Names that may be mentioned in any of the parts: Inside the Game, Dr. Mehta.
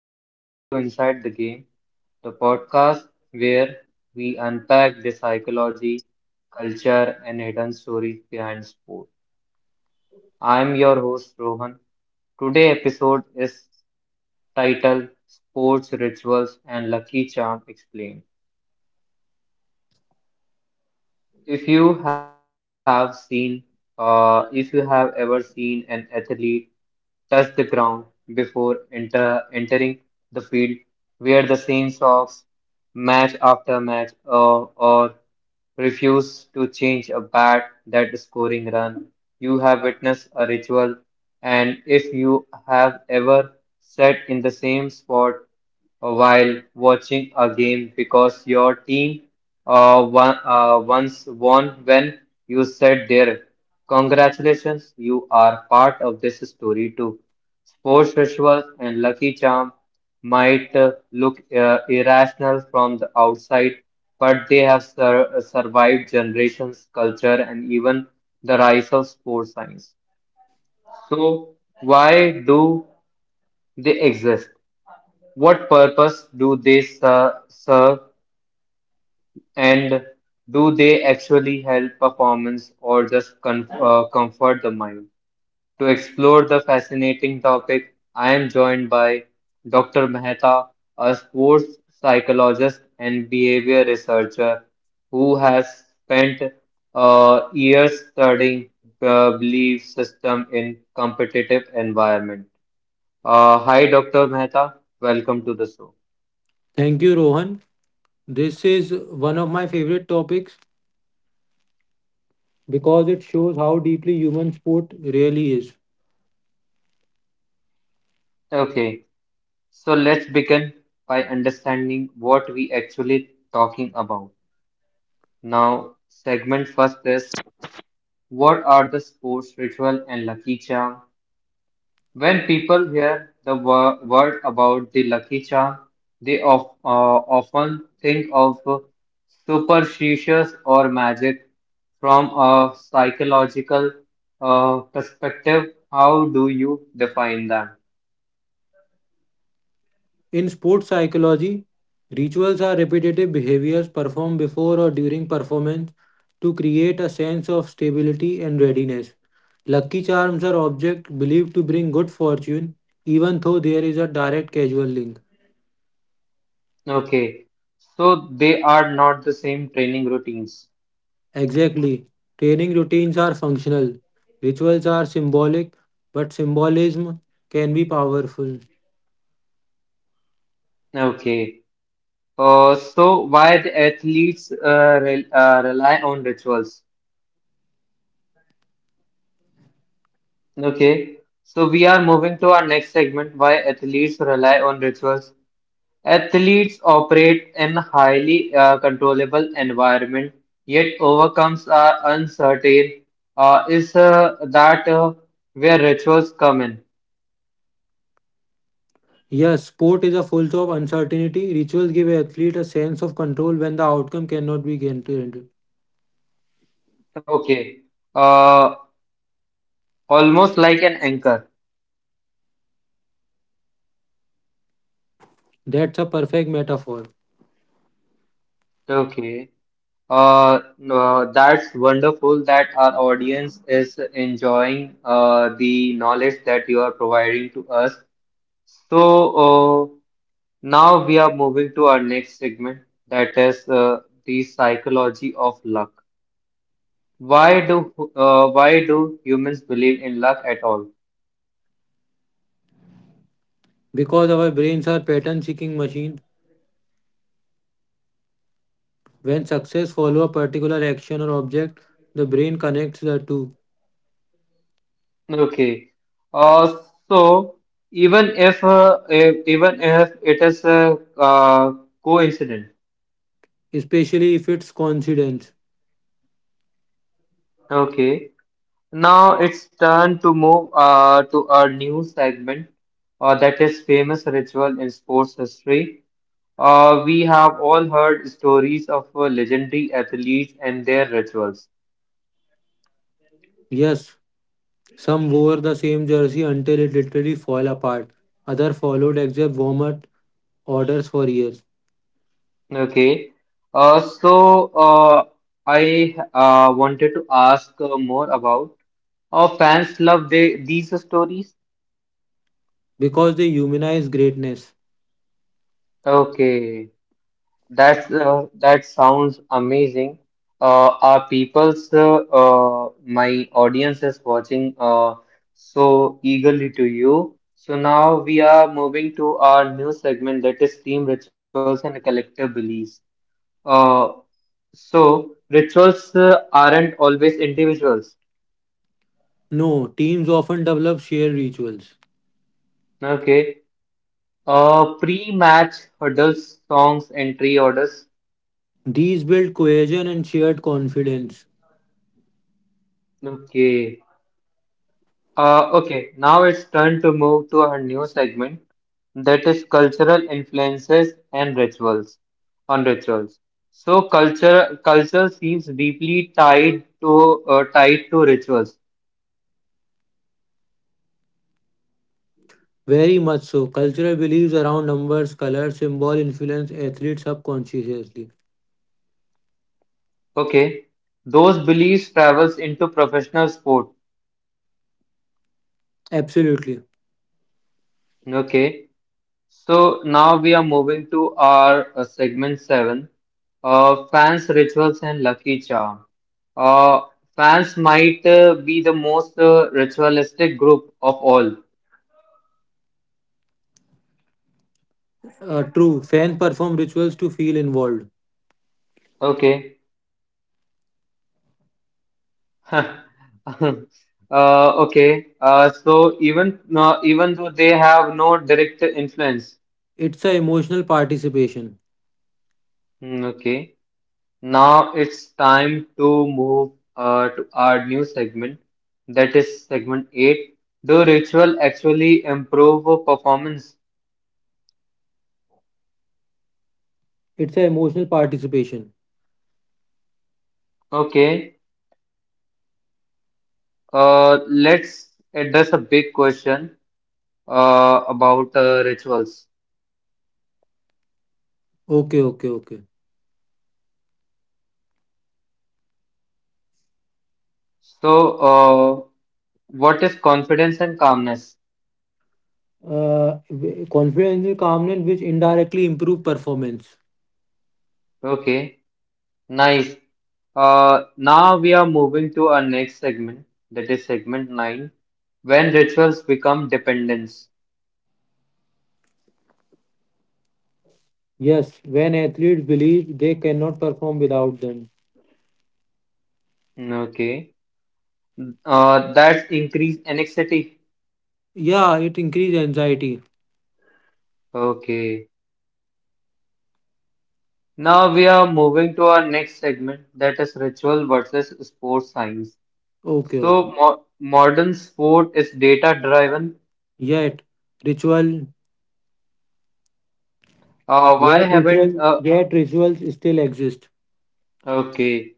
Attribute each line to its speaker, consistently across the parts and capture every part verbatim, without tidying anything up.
Speaker 1: and welcome to Inside the Game, the podcast where we unpack the psychology, culture, and hidden stories behind sport. I am your host, Rohan. Today's episode is titled Sports Rituals and Lucky Charm Explained. If you have seen, uh, if you have ever seen an athlete touch the ground before enter, entering the field, wear the same socks match after match, uh, or refuse to change a bat that scoring run. You have witnessed a ritual, and if you have ever sat in the same spot while watching a game because your team uh, won, uh, once won when you said there. Congratulations, you are part of this story too. Sports rituals and lucky charm might uh, look uh, irrational from the outside, but they have sur- survived generations, culture, and even the rise of sports science. So, why do they exist? What purpose do they ser- serve, and do they actually help performance or just con- uh, comfort the mind? To explore the fascinating topic, I am joined by doctor Mehta, a sports psychologist and behavior researcher who has spent uh, years studying the belief system in competitive environment. Uh, hi, doctor Mehta. Welcome to the show.
Speaker 2: Thank you, Rohan. This is one of my favorite topics because it shows how deeply human sport really is.
Speaker 1: Okay. So let's begin by understanding what we actually talking about. Now, segment first is what are the sports ritual and lucky charm? When people hear the wo- word about the lucky charm, they of, uh, often think of superstitious or magic. From a psychological uh, perspective, how do you define them?
Speaker 2: In sports psychology, rituals are repetitive behaviors performed before or during performance to create a sense of stability and readiness. Lucky charms are objects believed to bring good fortune, even though there is a direct causal link.
Speaker 1: Okay, so they are not the same training routines.
Speaker 2: Exactly. Training routines are functional. Rituals are symbolic, but symbolism can be powerful.
Speaker 1: Okay, uh, so why the athletes uh, rel uh, rely on rituals? Okay, so we are moving to our next segment, why athletes rely on rituals. Athletes operate in highly uh, controllable environment, yet overcomes are uncertain. Uh, is uh, that uh, where rituals come in?
Speaker 2: Yes, sport is a full of uncertainty. Rituals give athlete a sense of control when the outcome cannot be guaranteed.
Speaker 1: Okay, uh, almost like an anchor.
Speaker 2: That's a perfect metaphor.
Speaker 1: Okay. Uh, no, that's wonderful that our audience is enjoying uh, the knowledge that you are providing to us. So, uh, now we are moving to our next segment, that is uh, the psychology of luck. Why do uh, why do humans believe in luck at all?
Speaker 2: Because our brains are pattern seeking machines, when success follow a particular action or object, the brain connects the two,
Speaker 1: Okay. Uh, so even if, uh, if even if it is a uh, coincident,
Speaker 2: especially if it's coincidence.
Speaker 1: okay. Now it's turn to move uh, to a new segment uh, that is famous ritual in sports history. Uh, we have all heard stories of uh, legendary athletes and their rituals.
Speaker 2: Yes, some wore the same jersey until it literally fell apart. Others followed exact warm-up orders for years
Speaker 1: Okay, uh, so uh, I uh, wanted to ask uh, more about. Our fans love they, these stories.
Speaker 2: because they humanize greatness.
Speaker 1: Okay. That's uh, that sounds amazing. Uh, are people's uh, uh, My audience is watching uh, so eagerly to you. So now we are moving to our new segment that is team rituals and collective beliefs. Uh, so rituals uh, aren't always individuals.
Speaker 2: No, teams often develop shared rituals.
Speaker 1: Okay. Uh, pre-match hurdles, songs, entry orders.
Speaker 2: These build cohesion and shared confidence.
Speaker 1: Okay. Uh, okay. Now it's time to move to our new segment, that is cultural influences and rituals on rituals so culture culture seems deeply tied to uh, tied to rituals.
Speaker 2: Very much so. Cultural beliefs around numbers, color, symbol influence athletes subconsciously.
Speaker 1: Okay, those beliefs travels into professional sport.
Speaker 2: Absolutely.
Speaker 1: Okay, so now we are moving to our uh, segment seven, uh, fans rituals and lucky charm. Uh, fans might uh, be the most uh, ritualistic group of all.
Speaker 2: Uh, true. Fans perform rituals to feel involved.
Speaker 1: Okay. Uh, okay. Uh, so even no, even though they have no direct influence,
Speaker 2: It's a emotional participation.
Speaker 1: hmm, okay. Now it's time to move uh, to our new segment. That is segment eight. Do ritual actually improve performance?
Speaker 2: It's a emotional participation.
Speaker 1: Okay. Uh, let's address a big question uh, about uh, rituals.
Speaker 2: Okay, okay, okay.
Speaker 1: So, uh, what is confidence and calmness?
Speaker 2: Uh, w- confidence is calmness which indirectly improve performance.
Speaker 1: Okay. Nice. Uh, now we are moving to our next segment, that is segment nine, when rituals become dependence.
Speaker 2: Yes, when athletes believe they cannot perform without them.
Speaker 1: Mm, okay. Uh, that's increased anxiety.
Speaker 2: Yeah, it increase anxiety.
Speaker 1: Okay. Now we are moving to our next segment, that is ritual versus sports science.
Speaker 2: Okay, okay.
Speaker 1: So, mo modern sport is data-driven.
Speaker 2: Yet ritual,
Speaker 1: Uh, why
Speaker 2: yet
Speaker 1: haven't,
Speaker 2: ritual,
Speaker 1: uh,
Speaker 2: yet rituals still exist.
Speaker 1: Okay.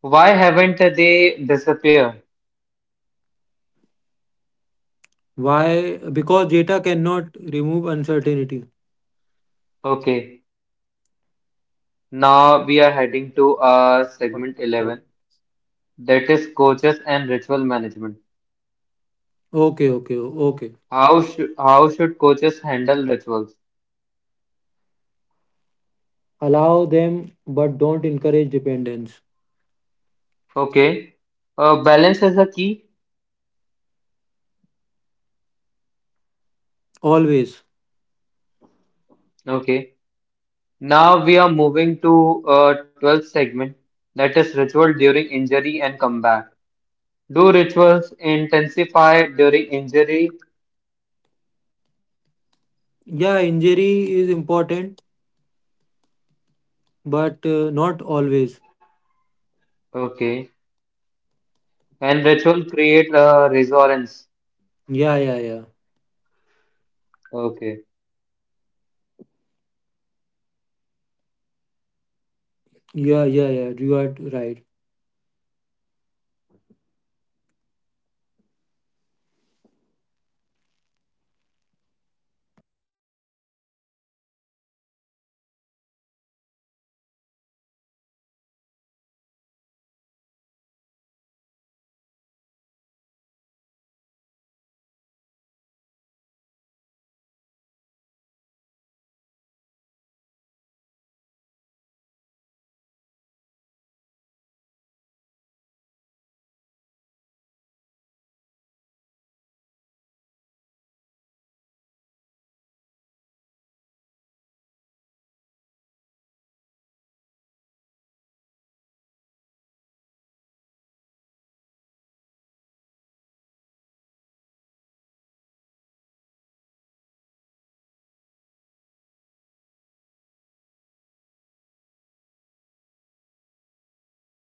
Speaker 1: Why haven't they disappeared?
Speaker 2: Why? Because data cannot remove uncertainty.
Speaker 1: Okay. Now we are heading to uh,
Speaker 2: What-
Speaker 1: segment
Speaker 2: what-
Speaker 1: eleven. That is coaches and ritual management.
Speaker 2: Okay, okay, okay.
Speaker 1: How should how should coaches handle rituals?
Speaker 2: Allow them, but don't encourage dependence.
Speaker 1: Okay, uh, balance is the key.
Speaker 2: Always.
Speaker 1: Okay, now we are moving to uh, twelfth segment. That is ritual during injury and comeback. Do rituals intensify during injury?
Speaker 2: Yeah, injury is important, but uh, not always.
Speaker 1: Okay, and ritual create uh, resonance.
Speaker 2: Yeah, yeah, yeah.
Speaker 1: Okay.
Speaker 2: Yeah, yeah, yeah. You are right.